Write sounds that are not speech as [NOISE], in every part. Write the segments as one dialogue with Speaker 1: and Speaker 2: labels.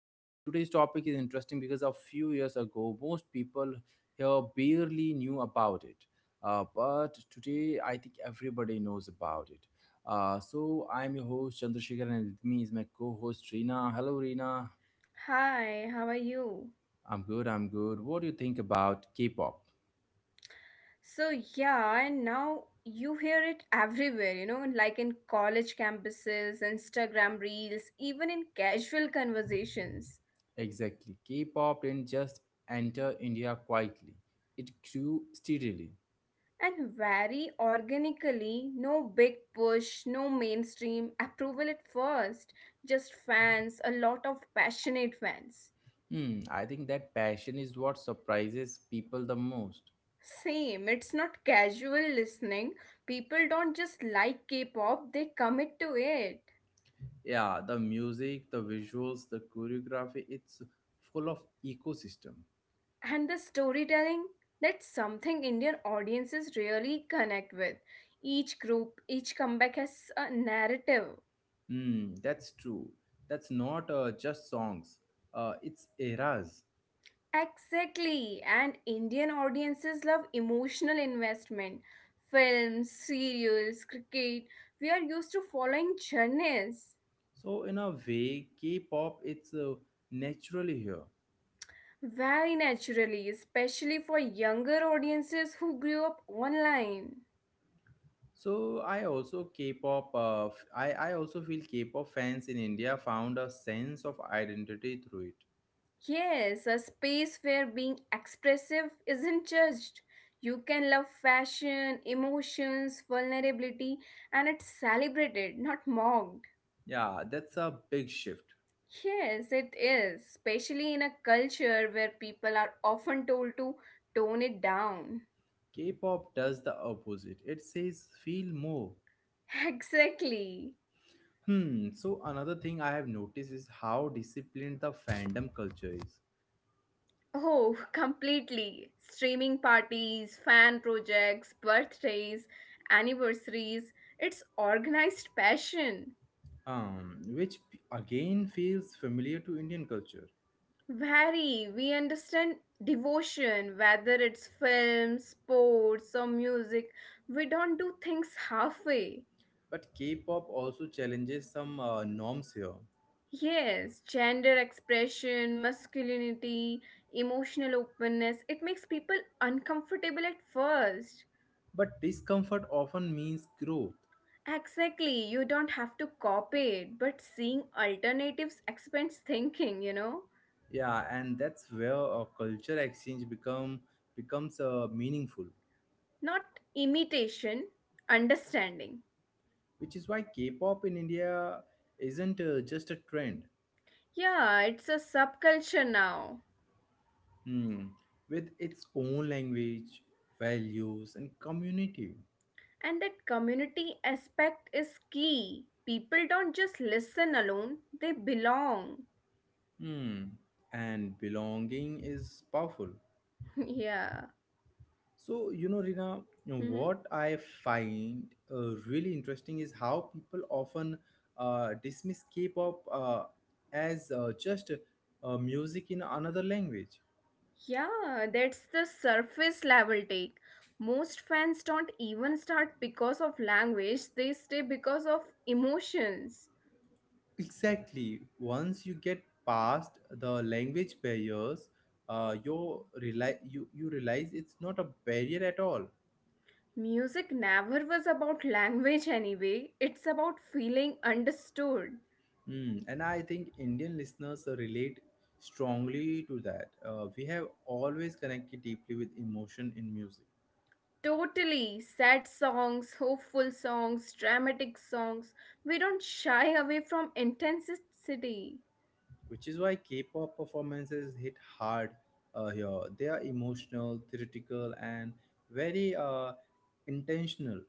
Speaker 1: Today's topic is interesting because a few years ago, most people here barely knew about it. But today, I think everybody knows about it. So, I'm your host, Chandrasekhar, and with me is my co host, Reena. Hello, Reena.
Speaker 2: Hi, how are you?
Speaker 1: I'm good, I'm good. What do you think about K pop?
Speaker 2: So, yeah, and now you hear it everywhere, like in college campuses, Instagram reels, even in casual conversations.
Speaker 1: Exactly. K pop didn't just enter India quietly, it grew steadily.
Speaker 2: And very organically, no big push, no mainstream approval at first, just fans, a lot of passionate fans.
Speaker 1: Hmm, I think that passion is what surprises people the most.
Speaker 2: Same, it's not casual listening. People don't just like K pop, they commit to it.
Speaker 1: Yeah, the music, the visuals, the choreography, it's full of ecosystem.
Speaker 2: And the storytelling, that's something indian audiences really connect with. Each group, each comeback has a narrative.
Speaker 1: Hmm, that's true. That's not just songs, it's eras.
Speaker 2: Exactly, and indian audiences love emotional investment. Films, serials, cricket, we are used to following journeys.
Speaker 1: So, in a way, K pop, it's naturally here.
Speaker 2: Very naturally, especially for younger audiences who grew up online.
Speaker 1: I also feel K-pop fans in India found a sense of identity through it.
Speaker 2: Yes, a space where being expressive isn't judged. You can love fashion, emotions, vulnerability, and it's celebrated, not mocked.
Speaker 1: Yeah, that's a big shift.
Speaker 2: Yes, it is, especially in a culture where people are often told to tone it down.
Speaker 1: K-pop does the opposite. It says feel more.
Speaker 2: [LAUGHS] Exactly.
Speaker 1: Hmm. So another thing I have noticed is how disciplined the fandom culture is.
Speaker 2: Oh, completely. Streaming parties, fan projects, birthdays, anniversaries. It's organized passion.
Speaker 1: Again feels familiar to Indian culture.
Speaker 2: Vary. We understand devotion, whether it's film, sports, or music. We don't do things halfway.
Speaker 1: But K-pop also challenges some norms here.
Speaker 2: Yes, gender expression, masculinity, emotional openness. It makes people uncomfortable at first.
Speaker 1: But discomfort often means growth.
Speaker 2: Exactly. You don't have to copy it, but seeing alternatives expands thinking, you know?
Speaker 1: Yeah, and that's where a culture exchange becomes meaningful,
Speaker 2: Not imitation, understanding.
Speaker 1: which is why K-pop in India isn't just a trend.
Speaker 2: Yeah, it's a subculture now.
Speaker 1: Hmm, with its own language, values and community.
Speaker 2: And that community aspect is key. People don't just listen alone, they belong.
Speaker 1: Hmm, and belonging is powerful.
Speaker 2: [LAUGHS] Yeah.
Speaker 1: So you know, Rina, you know,
Speaker 2: Mhm.
Speaker 1: what I find really interesting is how people often dismiss K-pop, as just music in another language.
Speaker 2: Yeah, that's the surface level take. Most fans don't even start because of language, they stay because of emotions.
Speaker 1: Exactly. Once you get past the language barriers, you realize it's not a barrier at all.
Speaker 2: Music never was about language anyway, it's about feeling understood.
Speaker 1: Hmm. And I think Indian listeners relate strongly to that. We have always connected deeply with emotion in music,
Speaker 2: Totally. Sad songs, hopeful songs, dramatic songs. We don't shy away from intensity.
Speaker 1: which is why K-pop performances hit hard here. They are emotional, theatrical, and very intentional.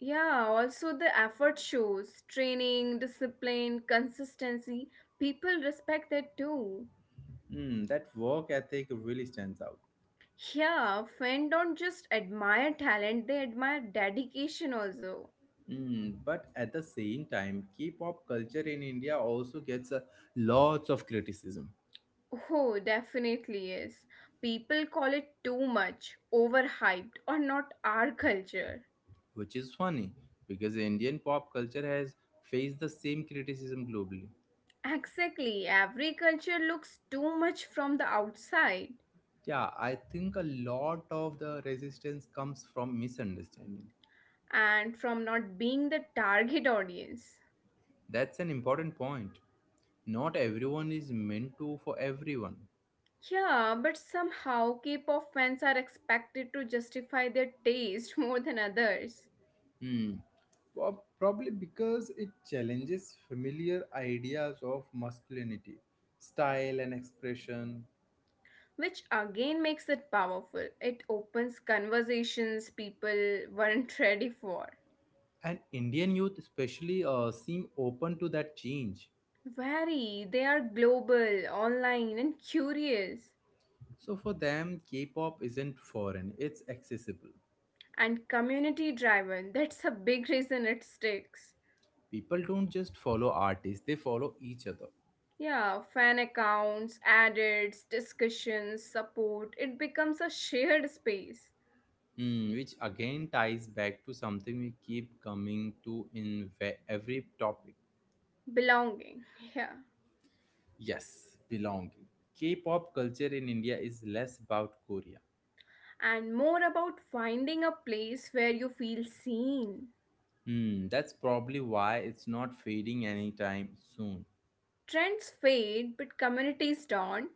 Speaker 2: Yeah, also the effort shows training, discipline, consistency. People respect that too.
Speaker 1: Hmm. That work ethic really stands out.
Speaker 2: Yeah, fans don't just admire talent, they admire dedication also.
Speaker 1: Mm, but at the same time, K-pop culture in India also gets a lots of criticism,
Speaker 2: Oh, definitely is. People call it too much, overhyped, or not our culture.
Speaker 1: which is funny because Indian pop culture has faced the same criticism globally.
Speaker 2: Exactly. Every culture looks too much from the outside
Speaker 1: Yeah, I think a lot of the resistance comes from misunderstanding.
Speaker 2: and from not being the target [LAUGHS] audience.
Speaker 1: That's an important point. Not everyone is meant to for everyone.
Speaker 2: Yeah, but somehow K pop fans are expected to justify their taste [LAUGHS] more than others.
Speaker 1: Hmm. Probably because it challenges familiar ideas of masculinity, style, and expression.
Speaker 2: Which again makes it powerful. It opens conversations people weren't [LAUGHS] ready for.
Speaker 1: And Indian youth especially seem open to that change,
Speaker 2: Very, they are global, online, and curious,
Speaker 1: so for them K-pop isn't foreign, it's accessible.
Speaker 2: and community driven. That's a big reason it sticks.
Speaker 1: People don't just follow artists, they follow each other.
Speaker 2: Yeah, fan accounts, edits, discussions, support, it becomes a shared space.
Speaker 1: Hmm, which again ties back to something we keep coming to in every topic.
Speaker 2: Belonging, [LAUGHS] yeah.
Speaker 1: Yes, belonging. K-pop culture in India is less about Korea.
Speaker 2: And more about finding a place where you feel seen.
Speaker 1: Hmm, that's probably why it's not fading anytime soon.
Speaker 2: Trends fade, but communities don't.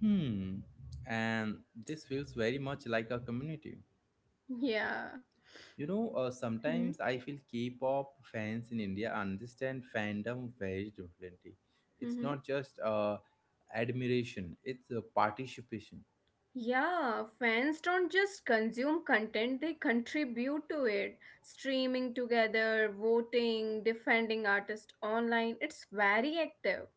Speaker 1: Hmm, and this feels very much like a community.
Speaker 2: [LAUGHS] Yeah.
Speaker 1: You know,
Speaker 2: Hmm.
Speaker 1: sometimes I feel K-pop fans in India understand fandom very differently. It's
Speaker 2: Hmm.
Speaker 1: not just admiration, it's a participation,
Speaker 2: Yeah, fans don't just consume content, they contribute to it. Streaming together, voting, defending artists online, it's very active.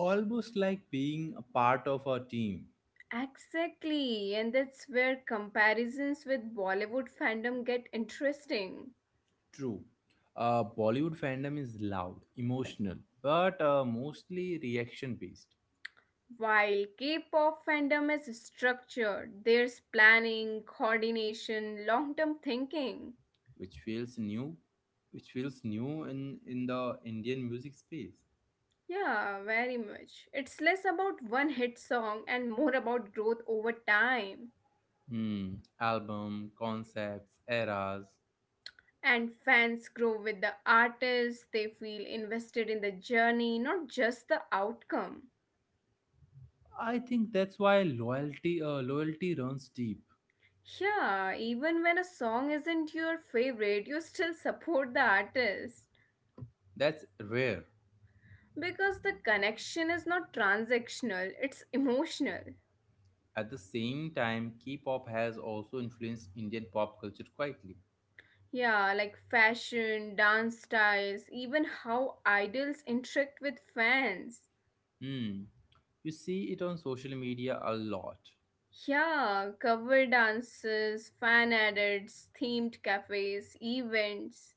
Speaker 1: almost like being a part of a team.
Speaker 2: Exactly, and that's where comparisons with Bollywood fandom get interesting.
Speaker 1: True, Bollywood fandom is loud, emotional, but mostly reaction-based,
Speaker 2: While K pop fandom is structured, there's planning, coordination, long term thinking.
Speaker 1: which feels new, which feels new in the Indian music space.
Speaker 2: Yeah, very much. It's less about one hit song and more about growth over time.
Speaker 1: Hmm, album concepts, eras.
Speaker 2: And fans grow with the artist, they feel invested in the journey, not just the outcome.
Speaker 1: I think that's why loyalty runs deep.
Speaker 2: Yeah, even when a song isn't your favorite, you still support the artist
Speaker 1: That's rare.
Speaker 2: because the connection is not transactional, it's emotional.
Speaker 1: At the same time, K-pop has also influenced Indian pop culture quietly.
Speaker 2: Yeah, like fashion, dance styles, even how idols interact with fans.
Speaker 1: Hmm. You see it on social media a lot.
Speaker 2: Yeah, cover dances, fan edits, themed cafes, events.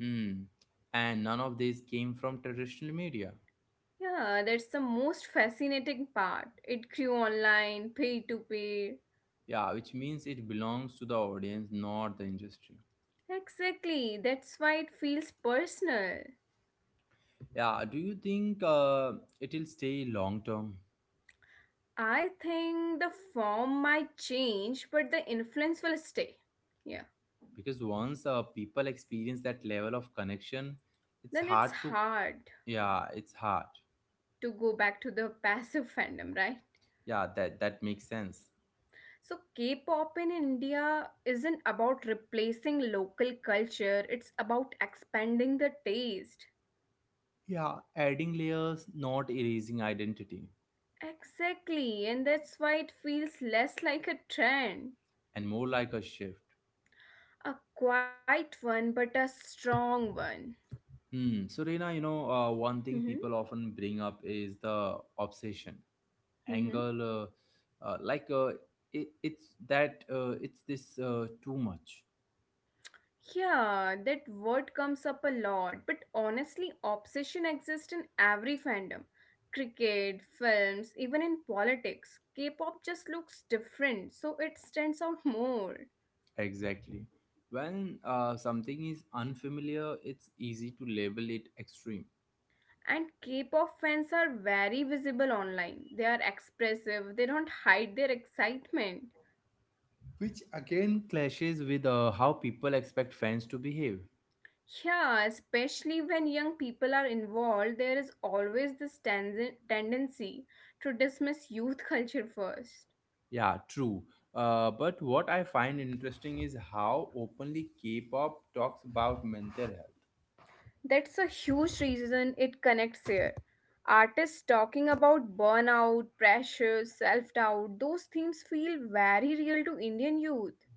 Speaker 1: Hmm. And none of this came from traditional media.
Speaker 2: Yeah, that's the most fascinating part. It grew online, pay to pay.
Speaker 1: Yeah, which means it belongs to the audience, not the industry.
Speaker 2: Exactly, that's why it feels personal.
Speaker 1: Yeah, do you think it'll stay long term?
Speaker 2: I think the form might change, but the influence will stay. Yeah,
Speaker 1: Because once people experience that level of connection, it's
Speaker 2: then it's
Speaker 1: hard to.
Speaker 2: hard
Speaker 1: Yeah, it's hard.
Speaker 2: to go back to the [LAUGHS] passive fandom, right?
Speaker 1: Yeah, that that makes sense.
Speaker 2: So, K pop in India isn't about replacing local culture, it's about expanding the taste.
Speaker 1: Yeah, adding layers, not erasing identity,
Speaker 2: Exactly, and that's why it feels less like a trend.
Speaker 1: and more like a shift.
Speaker 2: A quiet one, but a strong one.
Speaker 1: Hmm. So Reena, you know, one thing people
Speaker 2: Mm-hmm.
Speaker 1: often bring up is the obsession
Speaker 2: Mm-hmm.
Speaker 1: angle. Uh, like uh, it's that it's this too much.
Speaker 2: Yeah, that word comes up a lot, but honestly, obsession exists in every fandom. Cricket, films, even in politics. K pop just looks different, so it stands out more.
Speaker 1: Exactly. When something is unfamiliar, it's easy to label it extreme,
Speaker 2: And K pop fans are very visible online. They are expressive, they don't hide their excitement.
Speaker 1: which again clashes with how people expect fans to behave.
Speaker 2: Yeah, especially when young people are involved, there is always this tendency to dismiss youth [LAUGHS] culture first.
Speaker 1: Yeah, true. But what I find interesting is how openly K-pop talks about mental health,
Speaker 2: That's a huge reason it connects here. Artists talking about burnout, pressure, self doubt, those themes feel very real to Indian youth.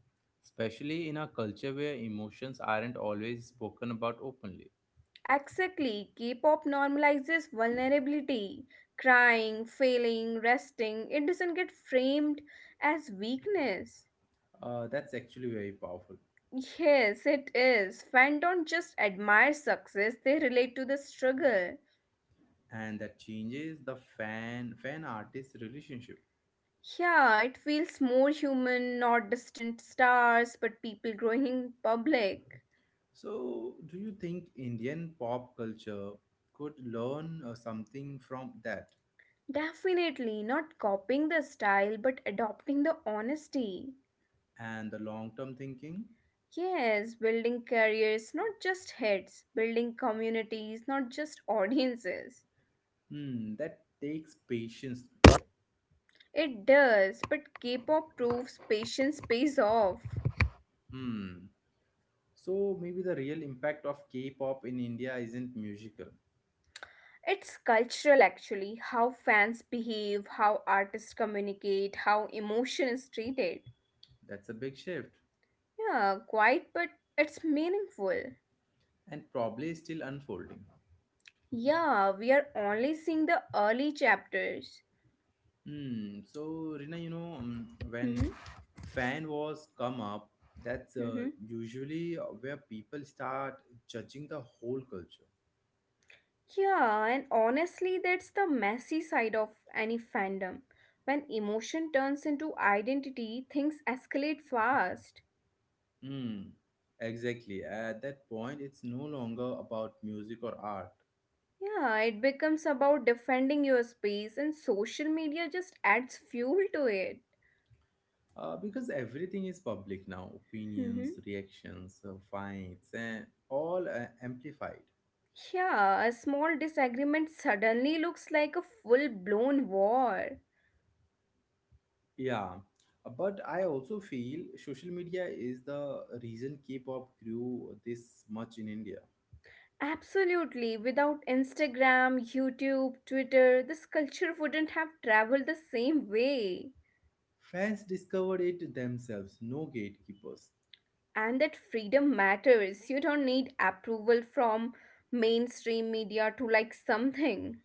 Speaker 1: especially in a culture where emotions aren't always spoken about openly.
Speaker 2: Exactly, K pop normalizes vulnerability, crying, failing, resting. It doesn't get framed as weakness.
Speaker 1: That's actually very powerful,
Speaker 2: Yes, it is. Fans don't just admire success, they relate to the struggle.
Speaker 1: and that changes the fan fan artist relationship.
Speaker 2: Yeah, it feels more human, not distant stars, but people growing in public.
Speaker 1: So, do you think Indian pop culture could learn something from that?
Speaker 2: Definitely, not copying the style, but adopting the honesty.
Speaker 1: And the long-term thinking.
Speaker 2: Yes, building careers, not just hits, building communities, not just [LAUGHS] audiences.
Speaker 1: Hmm, that takes patience, though.
Speaker 2: It does, but K pop proves patience pays off.
Speaker 1: Hmm, so maybe the real impact of K-pop in India isn't musical.
Speaker 2: It's cultural actually, how fans behave, how artists communicate, how emotion is treated.
Speaker 1: That's a big shift
Speaker 2: Yeah, quite, but it's meaningful.
Speaker 1: and probably still unfolding.
Speaker 2: Yeah, we are only seeing the early chapters.
Speaker 1: Hmm. So Rina, you know,
Speaker 2: Hmm.
Speaker 1: when fan wars come up, that's
Speaker 2: Hmm.
Speaker 1: usually where people start judging the whole culture.
Speaker 2: Yeah, and honestly, that's the messy side of any fandom. When emotion turns into identity, things escalate fast.
Speaker 1: Hmm. Exactly. At that point, it's no longer about music or art.
Speaker 2: Yeah, it becomes about defending your space, and social media just adds fuel to it.
Speaker 1: Because everything is public now,
Speaker 2: Hmm.
Speaker 1: opinions, reactions, fights, and all amplified.
Speaker 2: Yeah, a small disagreement suddenly looks like a full blown war.
Speaker 1: Yeah, but I also feel social media is the reason K-pop grew this much in India.
Speaker 2: Absolutely. Without Instagram, YouTube, Twitter, this culture wouldn't have traveled the same way.
Speaker 1: Fans discovered it themselves, no gatekeepers.
Speaker 2: And that freedom matters. You don't need approval from mainstream media to like something.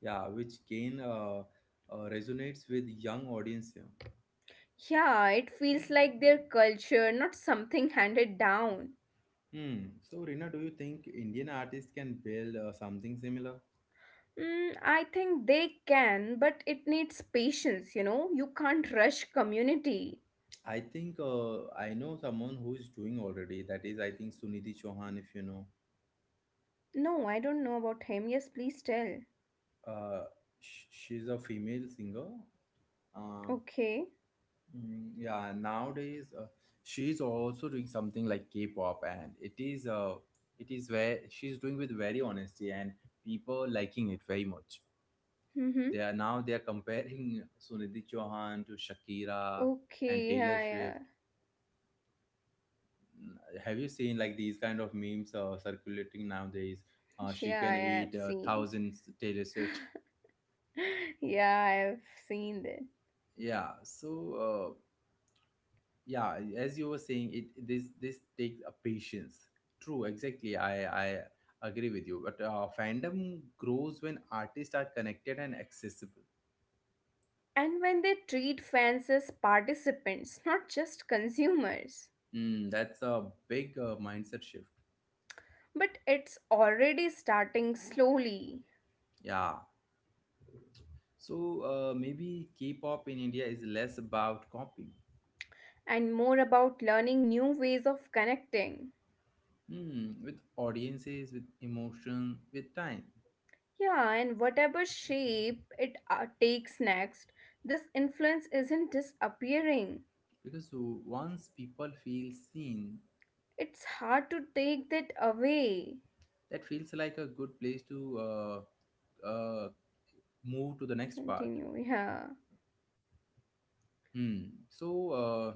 Speaker 1: Yeah, which again resonates with young audience here.
Speaker 2: Yeah, it feels like their culture, not something handed down.
Speaker 1: Hmm. So, Rina, do you think Indian artists can build something similar?
Speaker 2: Mm, I think they can, but it needs patience, you know? You can't rush community.
Speaker 1: I think I know someone who is doing already. That is, I think Sunidhi Chauhan, if you know.
Speaker 2: No, I don't know about him. Yes, please tell.
Speaker 1: Uh, she's a female singer. Um,
Speaker 2: Okay.
Speaker 1: mm, yeah, nowadays she's also doing something like K-pop, and it is where she's doing with very honesty and people liking it very much.
Speaker 2: Mm hmm.
Speaker 1: They are, now they are comparing [LAUGHS] Sunidhi Chauhan to Shakira and
Speaker 2: Okay,
Speaker 1: Taylor
Speaker 2: yeah,
Speaker 1: Swift.
Speaker 2: yeah.
Speaker 1: Mm, have you seen like these kind of memes circulating nowadays?
Speaker 2: [LAUGHS]
Speaker 1: She
Speaker 2: Yeah,
Speaker 1: can
Speaker 2: yeah, I've
Speaker 1: eat
Speaker 2: seen.
Speaker 1: thousands Taylor Swift. [LAUGHS]
Speaker 2: [LAUGHS] Yeah, I've seen that.
Speaker 1: Yeah, so. Uh, yeah, as you were saying, it this this takes a patience, true, exactly. I agree with you, but fandom grows when artists are connected and accessible.
Speaker 2: And when they treat fans as participants, not just consumers.
Speaker 1: Mm, that's a big mindset shift.
Speaker 2: But it's already starting slowly,
Speaker 1: Yeah, so maybe K-pop in India is less about copying.
Speaker 2: and more about learning new ways of connecting.
Speaker 1: Hmm, with audiences, with emotion, with time.
Speaker 2: Yeah, and whatever shape it takes next, this influence isn't disappearing.
Speaker 1: Because once people feel seen,
Speaker 2: It's hard to take that away.
Speaker 1: that feels like a good place to uh, move to the next part.
Speaker 2: Continue, yeah.
Speaker 1: Hmm. So,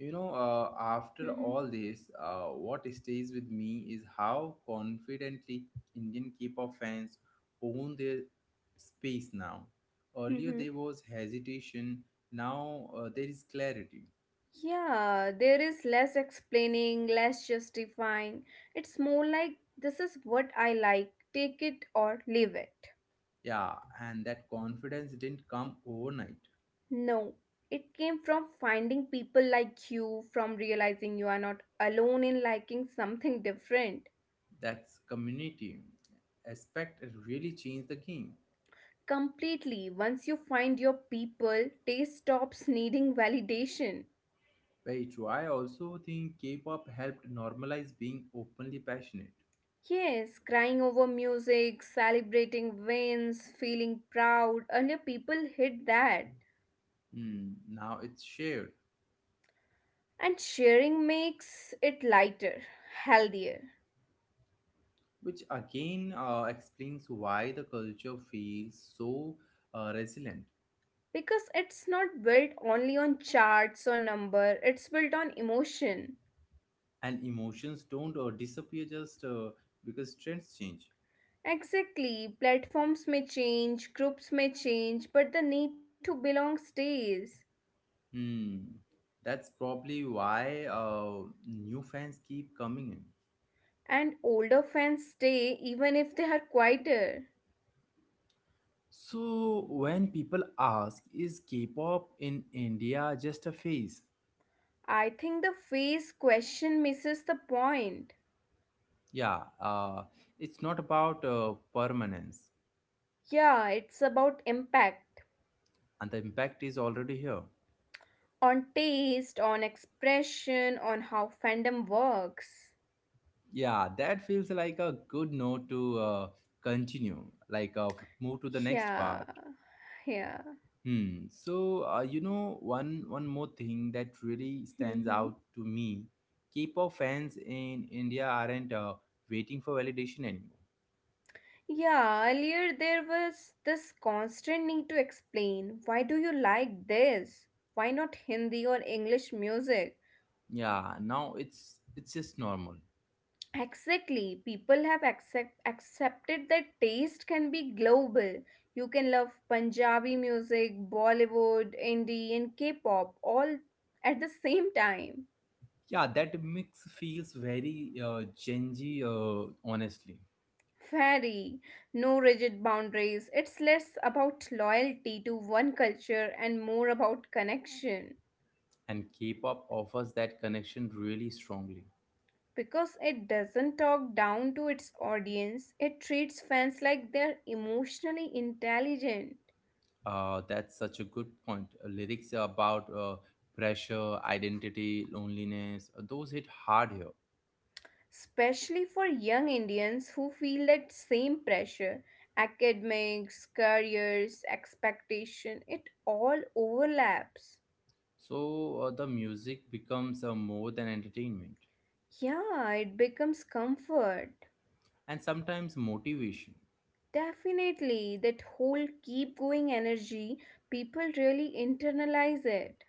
Speaker 1: you know, after
Speaker 2: Mm-hmm.
Speaker 1: all this, what stays with me is how confidently Indian K-pop fans own their space now. Earlier
Speaker 2: Mm-hmm.
Speaker 1: there was hesitation, now there is clarity.
Speaker 2: Yeah, there is less explaining, less justifying. It's more like this is what I like, take it or leave it.
Speaker 1: Yeah, and that confidence didn't come overnight.
Speaker 2: No, it came from finding people like you, from realizing you are not alone in liking something different.
Speaker 1: That's community aspect really changed the game.
Speaker 2: Completely, once you find your people, taste stops needing validation.
Speaker 1: Very true. I also think K-pop helped normalize being openly passionate.
Speaker 2: Yes, crying over music, celebrating wins, feeling proud. Earlier, people hid that.
Speaker 1: Hmm, now it's shared,
Speaker 2: And sharing makes it lighter, healthier,
Speaker 1: which again explains why the culture feels so resilient,
Speaker 2: because it's not built only on charts or number, it's built on emotion.
Speaker 1: and emotions don't disappear just because trends change.
Speaker 2: Exactly, platforms may change, groups may change, but the need to belong stays.
Speaker 1: Hmm, that's probably why new fans keep coming in.
Speaker 2: And older fans stay even if they are quieter.
Speaker 1: So when people ask, is K-pop in India just a phase?
Speaker 2: I think the phase question misses the point.
Speaker 1: Yeah, it's not about permanence,
Speaker 2: Yeah, it's about impact
Speaker 1: and the impact is already here.
Speaker 2: on taste, on expression, on how fandom works.
Speaker 1: Yeah, that feels like a good note to continue, like uh, move to the next
Speaker 2: Yeah,
Speaker 1: part.
Speaker 2: yeah.
Speaker 1: Hmm. So you know, one more thing that really stands
Speaker 2: Mm-hmm.
Speaker 1: out to me: K-pop fans in India aren't waiting for validation anymore.
Speaker 2: Yeah, earlier there was this constant need to explain why do you like this? Why not Hindi or English music?
Speaker 1: Yeah, now it's just normal.
Speaker 2: Exactly, people have accepted that taste can be global. You can love Punjabi music, Bollywood, indie, and K pop all at the same time.
Speaker 1: Yeah, that mix feels very Gen Z, honestly,
Speaker 2: Very no rigid boundaries. It's less about loyalty to one culture and more about connection.
Speaker 1: and K-pop offers that connection really strongly.
Speaker 2: Because it doesn't talk down to its audience, it treats fans like they're emotionally intelligent,
Speaker 1: That's such a good point. Lyrics about pressure, identity, loneliness, those hit hard here.
Speaker 2: especially for young Indians who feel that same pressure. Academics, careers, expectation, it all overlaps.
Speaker 1: So the music becomes more than entertainment
Speaker 2: Yeah, it becomes comfort.
Speaker 1: and sometimes motivation.
Speaker 2: Definitely, that whole keep going energy, people really internalize it.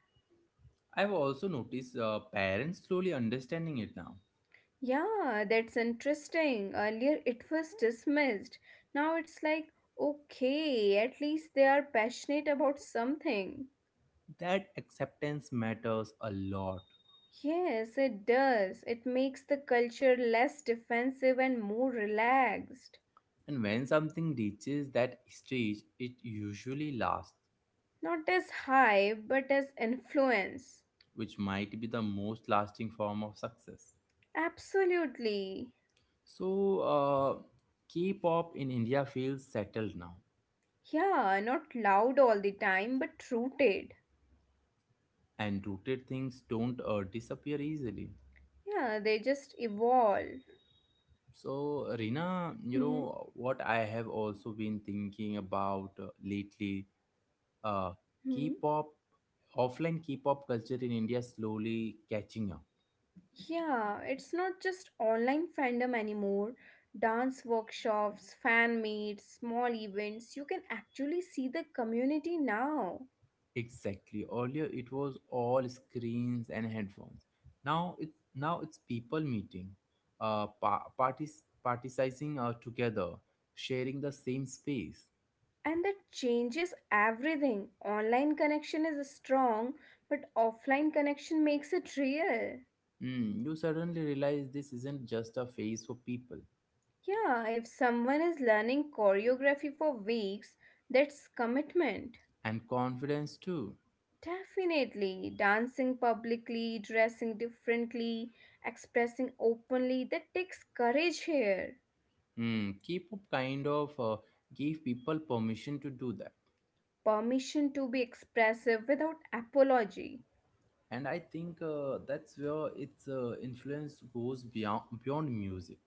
Speaker 1: I've also noticed parents slowly understanding it now.
Speaker 2: Yeah, that's interesting. Earlier it was dismissed. Now it's like, okay, at least they are passionate about something.
Speaker 1: That acceptance matters a lot.
Speaker 2: Yes, it does. It makes the culture less defensive and more relaxed.
Speaker 1: And when something reaches that stage, it usually lasts,
Speaker 2: Not as hype, but as influence.
Speaker 1: which might be the most lasting form of success.
Speaker 2: Absolutely.
Speaker 1: So, K-pop in India feels settled now,
Speaker 2: Yeah, not loud all the time, but rooted.
Speaker 1: and rooted things don't disappear easily.
Speaker 2: Yeah, they just evolve.
Speaker 1: So, Rina, you
Speaker 2: Hmm.
Speaker 1: know what I have also been thinking about lately. Uh,
Speaker 2: Hmm.
Speaker 1: K-pop, offline K-pop culture in India slowly catching up.
Speaker 2: Yeah, it's not just online fandom anymore. Dance workshops, fan meets, small events, you can actually see the community now.
Speaker 1: Exactly. Earlier it was all screens and headphones. Now it's people meeting, parties particizing together, sharing the same space.
Speaker 2: And that changes everything. Online connection is strong, but offline connection makes it real.
Speaker 1: Mm, you suddenly realize this isn't just a phase for people,
Speaker 2: Yeah, if someone is learning choreography for weeks, that's commitment.
Speaker 1: and confidence too.
Speaker 2: Definitely, dancing publicly, dressing differently, expressing openly, that takes courage here.
Speaker 1: Mm, K-pop kind of gave people permission to do that,
Speaker 2: Permission to be expressive without apology.
Speaker 1: and I think that's where its influence goes beyond music.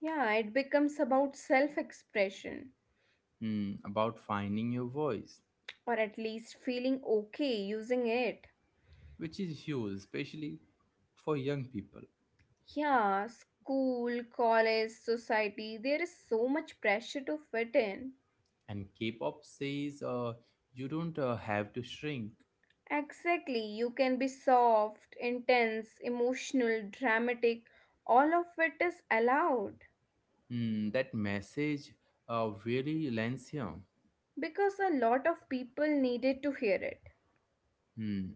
Speaker 2: Yeah, it becomes about self expression,
Speaker 1: Mm, about finding your voice,
Speaker 2: or at least feeling okay using it.
Speaker 1: which is huge, especially for young people.
Speaker 2: Yeah, school, college, society, there is so much pressure to fit in.
Speaker 1: And K-pop says you don't have to shrink.
Speaker 2: Exactly. You can be soft, intense, emotional, dramatic. All of it is allowed
Speaker 1: Hmm, that message really lands here.
Speaker 2: because a lot of people needed to hear it.
Speaker 1: Hmm.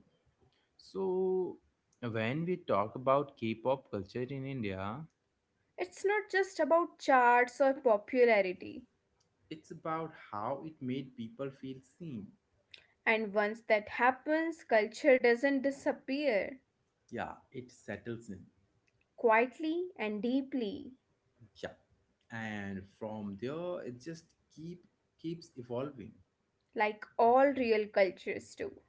Speaker 1: So when we talk about K-pop culture in India,
Speaker 2: It's not just about charts or popularity.
Speaker 1: it's about how it made people feel seen.
Speaker 2: And once that happens, culture doesn't disappear
Speaker 1: Yeah, it settles in.
Speaker 2: quietly and deeply,
Speaker 1: Yeah, and from there it just keeps evolving.
Speaker 2: like all real cultures do.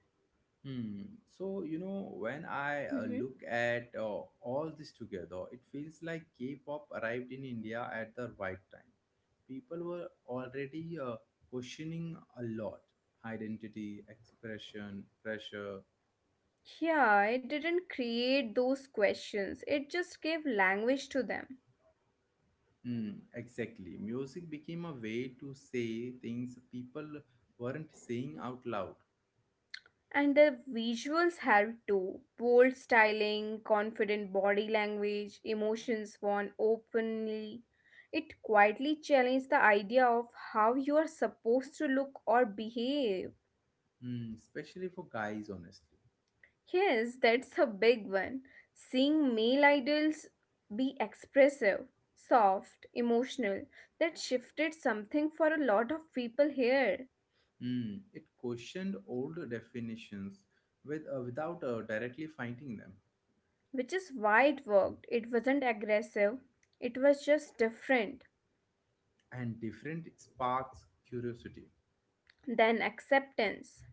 Speaker 1: Hmm. So, you know, when I
Speaker 2: Mhm.
Speaker 1: look at all this together, it feels like K pop arrived in India at the right time. People were already questioning a lot, identity, expression, pressure.
Speaker 2: Yeah, it didn't create those questions, it just gave language to them.
Speaker 1: Hmm, exactly. Music became a way to say things people weren't saying out loud.
Speaker 2: And the visuals help too. Bold styling, confident body language, emotions worn openly. It quietly challenges the idea of how you are supposed to look or behave.
Speaker 1: Hmm, especially for guys, honestly.
Speaker 2: Yes, that's a big one. Seeing male idols be expressive, soft, emotional, that shifted something for a lot of people here.
Speaker 1: Hmm, it questioned old definitions without directly finding them.
Speaker 2: Which is why it worked. It wasn't aggressive, it was just different.
Speaker 1: And different sparks curiosity
Speaker 2: Then acceptance.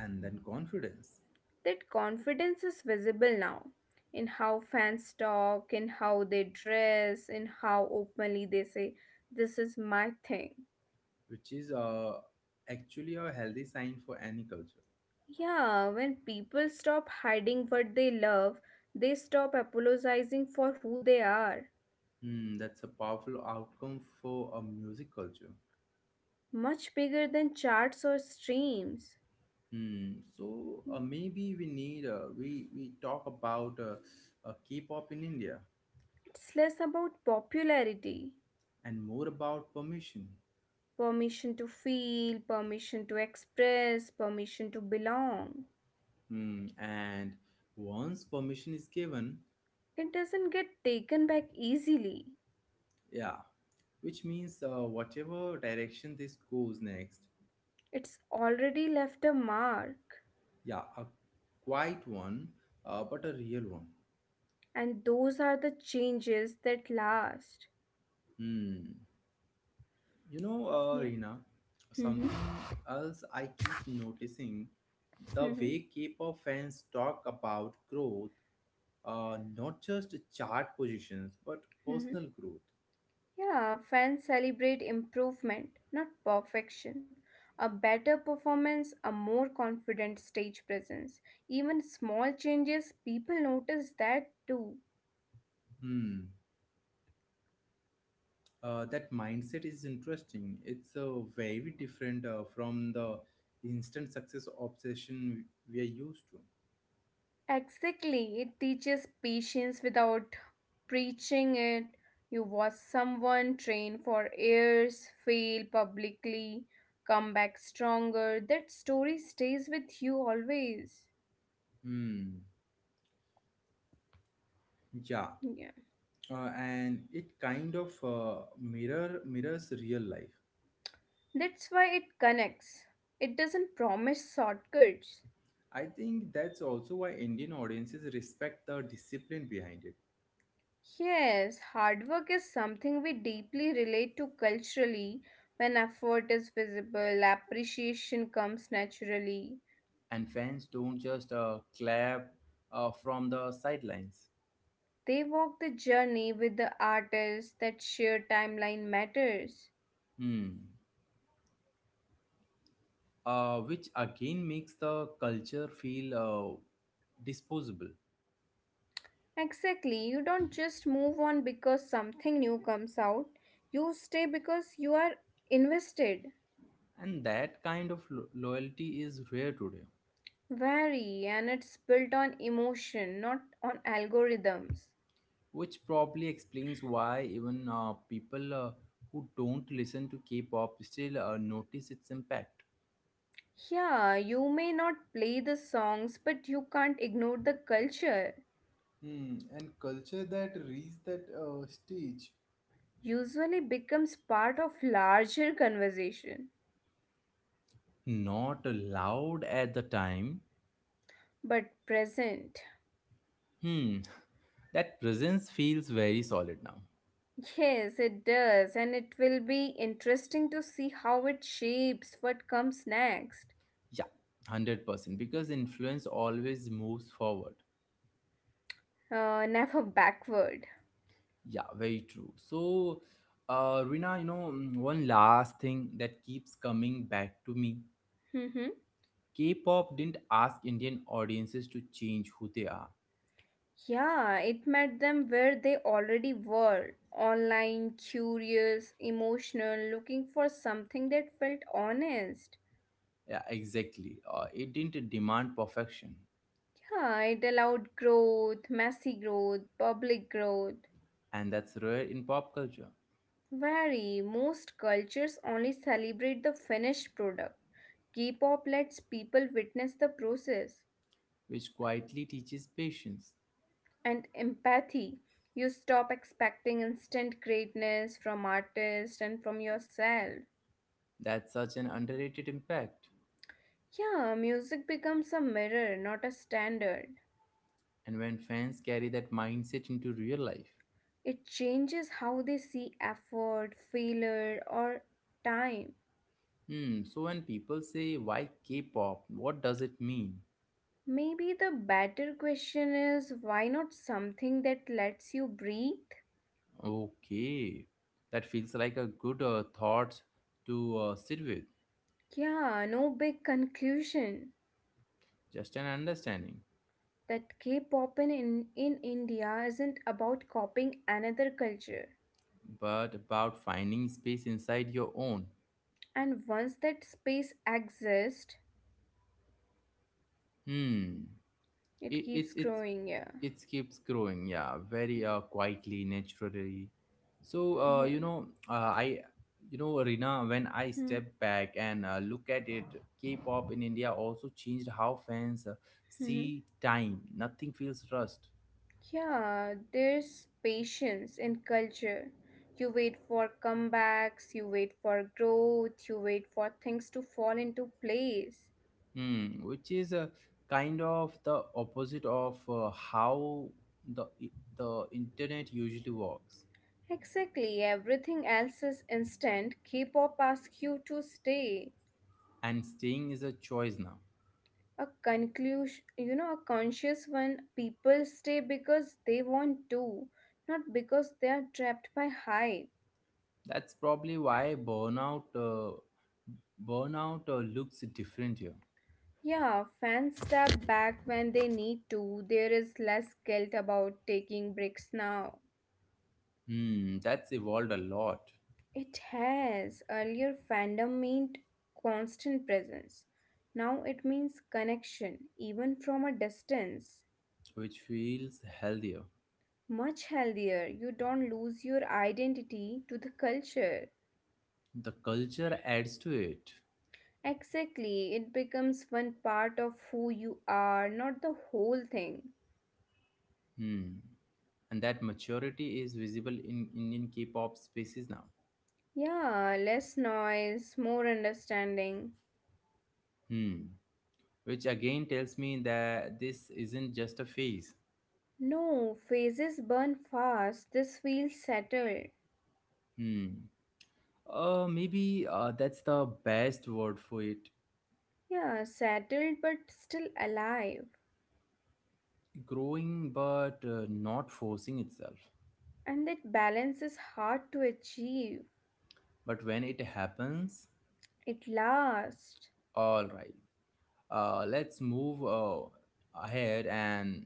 Speaker 1: and then confidence,
Speaker 2: That confidence is visible now in how fans talk, in how they dress, in how openly they say, this is my thing.
Speaker 1: which is actually a healthy sign for any culture.
Speaker 2: Yeah, when people stop hiding what they love, they stop apologizing for who they are.
Speaker 1: That's a powerful outcome for a music culture.
Speaker 2: Much bigger than charts or streams.
Speaker 1: Hmm. so uh, maybe we need we talk about K-pop in India
Speaker 2: It's less about popularity,
Speaker 1: and more about permission.
Speaker 2: permission to feel, permission to express, permission to belong.
Speaker 1: Hmm, and once permission is given,
Speaker 2: It doesn't get taken back easily.
Speaker 1: yeah, which means whatever direction this goes next.
Speaker 2: It's already left a mark.
Speaker 1: Yeah, a quiet one, but a real one.
Speaker 2: And those are the changes that last.
Speaker 1: Hmm. You know,
Speaker 2: Yeah.
Speaker 1: Reena,
Speaker 2: Mm-hmm.
Speaker 1: something else I keep noticing, the
Speaker 2: Mm-hmm.
Speaker 1: way K pop fans talk about growth, not just chart positions, but
Speaker 2: Mm-hmm.
Speaker 1: personal growth.
Speaker 2: Yeah, fans celebrate improvement, not perfection. A better performance, a more confident stage presence. Even small changes, people notice that too.
Speaker 1: Hmm. That mindset is interesting. It's very different from the instant success obsession we are used to.
Speaker 2: Exactly. It teaches patience without preaching it. You watch someone train for years, fail publicly, come back stronger. That story stays with you always.
Speaker 1: Hmm. Yeah,
Speaker 2: Yeah.
Speaker 1: and it kind of mirrors real life.
Speaker 2: That's why it connects. It doesn't promise shortcuts.
Speaker 1: I think that's also why Indian audiences respect the discipline behind it,
Speaker 2: Yes, hard work is something we deeply relate to culturally. When effort is visible, appreciation comes naturally.
Speaker 1: and fans don't just clap from the sidelines.
Speaker 2: They walk the journey with the artists that shared timeline matters.
Speaker 1: Hmm. Which again makes the culture feel disposable,
Speaker 2: Exactly, you don't just move on because something new comes out, you stay because you are invested.
Speaker 1: and that kind of loyalty is rare today,
Speaker 2: Vary and it's built on emotion, not on algorithms.
Speaker 1: which probably explains why even people who don't listen to K-pop still notice its impact.
Speaker 2: Yeah, you may not play the songs, but you can't ignore the culture.
Speaker 1: Hmm. And culture that reached that stage.
Speaker 2: Usually becomes part of larger conversation,
Speaker 1: Not loud at the time.
Speaker 2: but present.
Speaker 1: Hmm. That presence feels very solid now.
Speaker 2: Yes, it does, and it will be interesting to see how it shapes what comes next.
Speaker 1: Yeah, 100%. Because influence always moves forward.
Speaker 2: [LAUGHS] Never backward.
Speaker 1: Yeah, very true. So, Rina, you know, one last thing that keeps coming back to me,
Speaker 2: Mm-hmm.
Speaker 1: K pop didn't ask Indian audiences to change who they are.
Speaker 2: Yeah, it met them where they already were online, curious, emotional, looking for something that felt honest.
Speaker 1: Yeah, exactly. It didn't demand perfection.
Speaker 2: Yeah, it allowed growth, messy growth, public growth.
Speaker 1: And that's rare in pop culture,
Speaker 2: Very, most cultures only celebrate the finished product. K pop lets people witness the process.
Speaker 1: which quietly teaches patience.
Speaker 2: And empathy. You stop expecting instant greatness from artists and from yourself.
Speaker 1: That's such an underrated impact.
Speaker 2: Yeah, music becomes a mirror, not a standard.
Speaker 1: And when fans carry that mindset into real life.
Speaker 2: It changes how they see effort, failure, or time.
Speaker 1: Hmm, so when people say, why K pop? What does it mean?
Speaker 2: Maybe the better question is why not something that lets you breathe?
Speaker 1: Okay, that feels like a good thought to sit with,
Speaker 2: Yeah, no big conclusion.
Speaker 1: just an understanding.
Speaker 2: That K pop in India isn't about copying another culture.
Speaker 1: But about finding space inside your own.
Speaker 2: And once that space exists
Speaker 1: Hmm,
Speaker 2: it
Speaker 1: it, it,
Speaker 2: keeps
Speaker 1: it.
Speaker 2: growing, yeah.
Speaker 1: it keeps growing, yeah, very quietly, naturally. so uh,
Speaker 2: Yeah.
Speaker 1: you know uh, i you know, Rina, when I step back and look at it, K-pop in India also changed how fans
Speaker 2: Mm-hmm.
Speaker 1: see time. Nothing feels rushed.
Speaker 2: Yeah, there's patience in culture. You wait for comebacks, you wait for growth, you wait for things to fall into place.
Speaker 1: Hmm, which is a kind of the opposite of how the the internet usually works.
Speaker 2: Exactly, everything else is instant, K-pop asks you to stay.
Speaker 1: And staying is a choice now.
Speaker 2: A conclusion, a conscious one, people stay because they want to, not because they are trapped by hype.
Speaker 1: That's probably why burnout looks different here.
Speaker 2: Yeah, fans step back when they need to. There is less guilt about taking breaks now.
Speaker 1: Hmm, that's evolved a lot,
Speaker 2: It has. Earlier, fandom meant constant presence. Now it means connection, even from a distance.
Speaker 1: which feels healthier.
Speaker 2: Much healthier. You don't lose your identity to the culture.
Speaker 1: The culture adds to it.
Speaker 2: Exactly. It becomes one part of who you are, not the whole thing.
Speaker 1: Hmm. And that maturity is visible in Indian K-pop spaces now.
Speaker 2: Yeah, less noise, more understanding.
Speaker 1: Hmm. Which again tells me that this isn't just a phase.
Speaker 2: No, phases burn fast. This feels settled.
Speaker 1: Hmm. Maybe that's the best word for it.
Speaker 2: Yeah, settled but still alive.
Speaker 1: Growing but not forcing itself.
Speaker 2: And that balance is hard to achieve.
Speaker 1: But when it happens,
Speaker 2: It lasts.
Speaker 1: all right, let's move ahead. And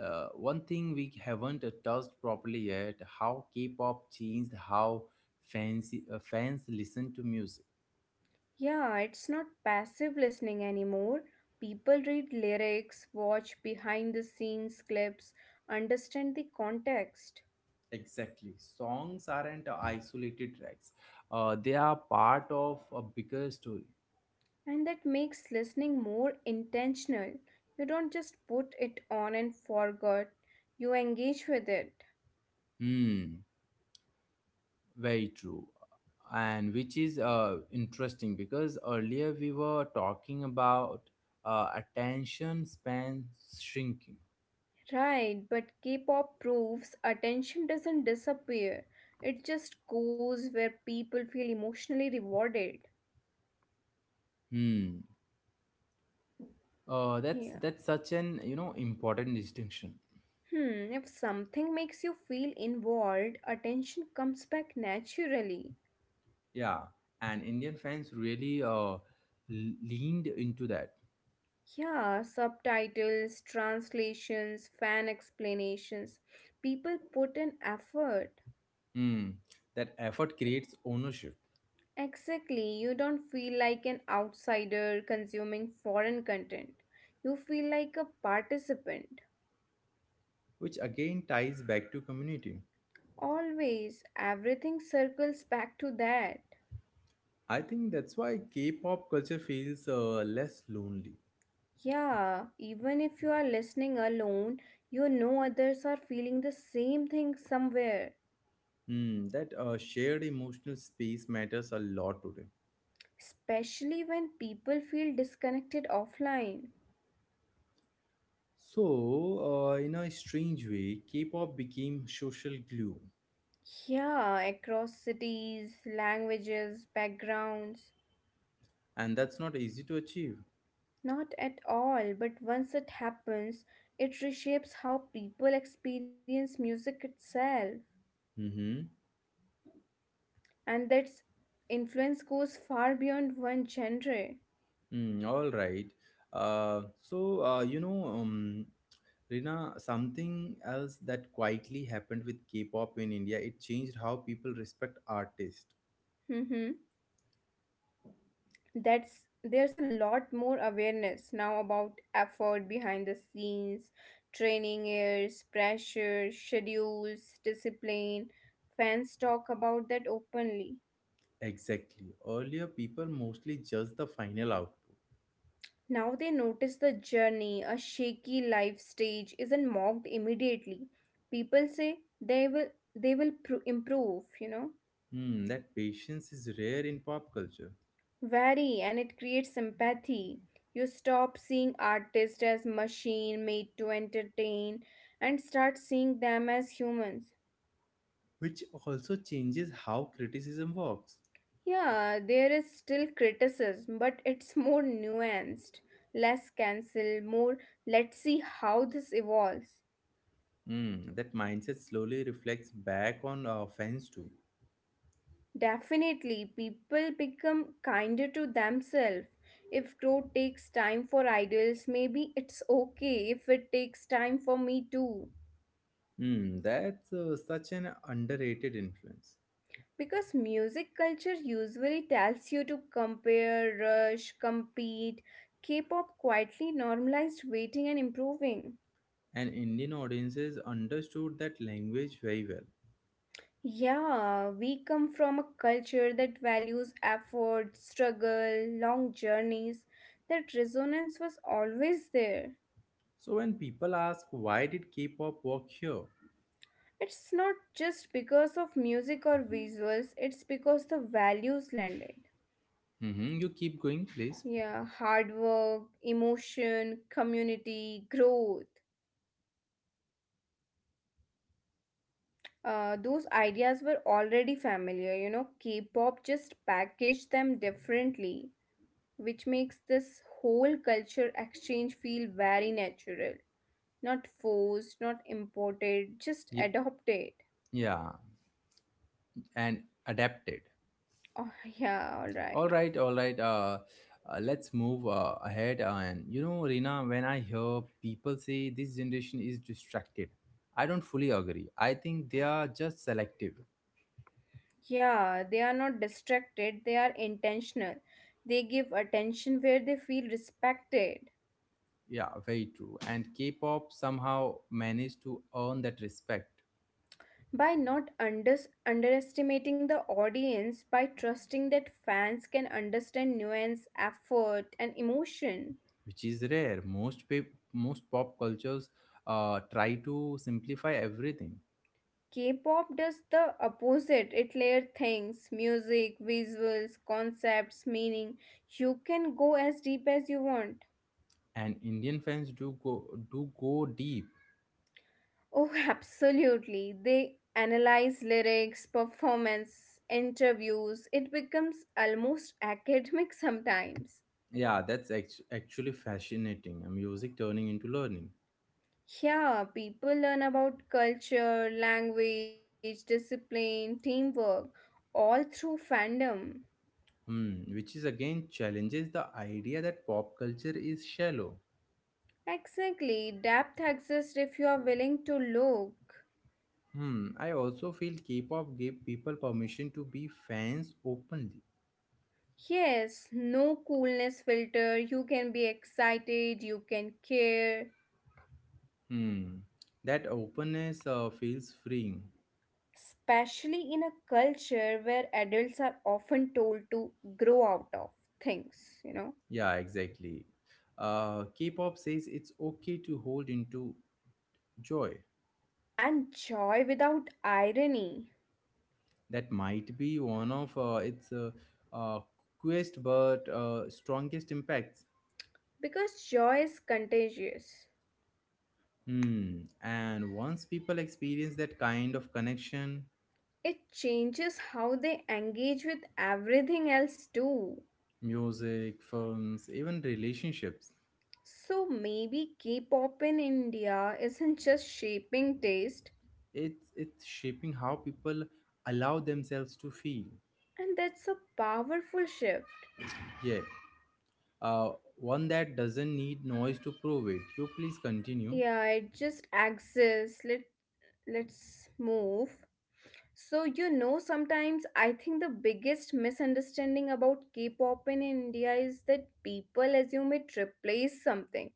Speaker 1: one thing we haven't touched properly yet, how K-pop changed how fans listen to music.
Speaker 2: Yeah, it's not passive listening anymore. People read lyrics, watch behind the scenes clips, understand the context.
Speaker 1: Exactly, songs aren't isolated tracks, they are part of a bigger story.
Speaker 2: And that makes listening more intentional. You don't just put it on and forget, you engage with it.
Speaker 1: Hmm. Very true. And which is interesting because earlier we were talking about attention span shrinking.
Speaker 2: Right, but K pop proves attention doesn't disappear, it just goes where people feel emotionally rewarded.
Speaker 1: Hmm.
Speaker 2: Yeah.
Speaker 1: That's such an important distinction.
Speaker 2: Hmm, if something makes you feel involved, attention comes back naturally.
Speaker 1: Yeah, and Indian fans really leaned into that.
Speaker 2: Yeah, subtitles, translations, fan explanations. People put in effort.
Speaker 1: Hmm. That effort creates ownership,
Speaker 2: Exactly, you don't feel like an outsider consuming foreign content. You feel like a participant.
Speaker 1: which again ties back to community.
Speaker 2: Always, everything circles back to that.
Speaker 1: I think that's why K-pop culture feels less lonely.
Speaker 2: Yeah, even if you are listening alone, you know others are feeling the same thing somewhere,
Speaker 1: Hmm, that shared emotional space matters a lot today.
Speaker 2: especially when people feel disconnected offline.
Speaker 1: So, in a strange way, K-pop became social glue,
Speaker 2: Yeah, across cities, languages, backgrounds.
Speaker 1: and that's not easy to achieve.
Speaker 2: Not at all, but once it happens, it reshapes how people experience music itself,
Speaker 1: Mm-hmm.
Speaker 2: and that influence goes far beyond one genre.
Speaker 1: Mm, all right. So, you know, Rina, something else that quietly happened with K-pop in India, it changed how people respect artists.
Speaker 2: Mm-hmm. That's there's a lot more awareness now about effort behind the scenes, training airs, pressure, schedules, discipline. Fans talk about that openly.
Speaker 1: Exactly. Earlier, people mostly judged the final output.
Speaker 2: Now they notice the journey, a shaky life stage isn't mocked immediately. People say they will pro- improve, you know.
Speaker 1: Hmm, that patience is rare in pop culture,
Speaker 2: Very, and it creates empathy. You stop seeing artists as machine made to entertain and start seeing them as humans.
Speaker 1: which also changes how criticism works.
Speaker 2: Yeah, there is still criticism, but it's more nuanced, less cancel, more let's see how this evolves.
Speaker 1: Hmm, that mindset slowly reflects back on fans too.
Speaker 2: Definitely, people become kinder to themselves. If growth takes time for idols, maybe it's okay if it takes time for me too.
Speaker 1: Hmm, that's such an underrated influence.
Speaker 2: Because music culture usually tells you to compare, rush, compete. K pop quietly normalized waiting and improving.
Speaker 1: And Indian audiences understood that language very well.
Speaker 2: Yeah, we come from a culture that values effort, struggle, long journeys. That resonance was always there.
Speaker 1: So when people ask why did K-pop work here,
Speaker 2: It's not just because of music or visuals, it's because the values landed.
Speaker 1: hmm, you keep going, please.
Speaker 2: Yeah, hard work, emotion, community, growth. Those ideas were already familiar. You know, K pop just packaged them differently, which makes this whole culture exchange feel very natural. Not forced, not imported, just
Speaker 1: Ye-
Speaker 2: adopted. [LAUGHS]
Speaker 1: yeah, and adapt it.
Speaker 2: Oh, yeah, alright.
Speaker 1: All right, all right. Let's move ahead. And you know, Rina, when I hear people say this generation is distracted, I don't fully agree. I think they are just selective.
Speaker 2: Yeah, they are not distracted, they are intentional. They give attention where they feel respected.
Speaker 1: Yeah, very true. And K-pop somehow managed to earn that respect,
Speaker 2: By not unders underestimating the audience, by trusting that fans can understand nuance, effort, and emotion.
Speaker 1: which is rare. Most pop cultures try to simplify everything,
Speaker 2: K pop does the opposite, it layers things: music, visuals, concepts, meaning. You can go as deep as you want.
Speaker 1: and Indian fans do go deep.
Speaker 2: Oh, [LAUGHS] absolutely. They analyze lyrics, performance, interviews. It becomes almost [LAUGHS] academic sometimes.
Speaker 1: Yeah, that's actually fascinating. Music turning into learning.
Speaker 2: Yeah, people learn about culture, language, discipline, teamwork, all through fandom.
Speaker 1: Hmm, which is again challenges the idea that pop culture is shallow.
Speaker 2: Exactly, depth exists if you are willing to look.
Speaker 1: Hmm, I also feel K-pop gave people permission to be fans openly.
Speaker 2: Yes, no coolness filter, you can be excited, you can care.
Speaker 1: Hmm, that openness feels freeing.
Speaker 2: Especially in a culture where adults are often told to grow out of things, you know,
Speaker 1: Yeah, exactly. K-pop says it's okay to hold into joy.
Speaker 2: and joy without irony
Speaker 1: That might be one of its uh, quest but strongest impacts.
Speaker 2: because joy is contagious.
Speaker 1: Hmm, and once people experience that kind of connection,
Speaker 2: It changes how they engage with everything else too.
Speaker 1: music, films, even relationships.
Speaker 2: So maybe K pop in India isn't just shaping taste,
Speaker 1: It's shaping how people allow themselves to feel.
Speaker 2: and that's a powerful shift.
Speaker 1: Yeah, uh, one that doesn't need noise to prove it. You please continue.
Speaker 2: Yeah, it just exists. Let's move. So, you know, sometimes I think the biggest misunderstanding about K pop in India is that people assume it replaced something,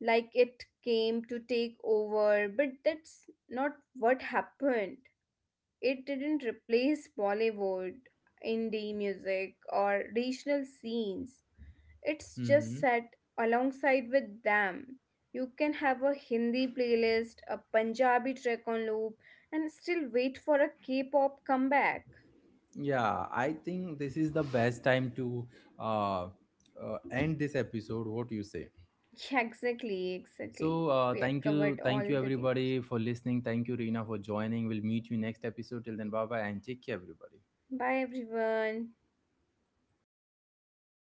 Speaker 2: like it came to take over, but that's not what happened. It didn't replace Bollywood, indie music, or regional scenes. It's just
Speaker 1: Mm-hmm.
Speaker 2: set alongside with them. You can have a Hindi playlist, a Punjabi track on loop, and still wait for a K pop comeback. [LAUGHS]
Speaker 1: Yeah, I think this is the best time to uh, end this episode. What you say?
Speaker 2: Yeah, exactly.
Speaker 1: So
Speaker 2: We have covered all
Speaker 1: thank you
Speaker 2: the things.
Speaker 1: everybody for listening. Thank you Reena for joining. We'll meet you next episode. Till then, bye bye and take care, everybody.
Speaker 2: Bye, everyone.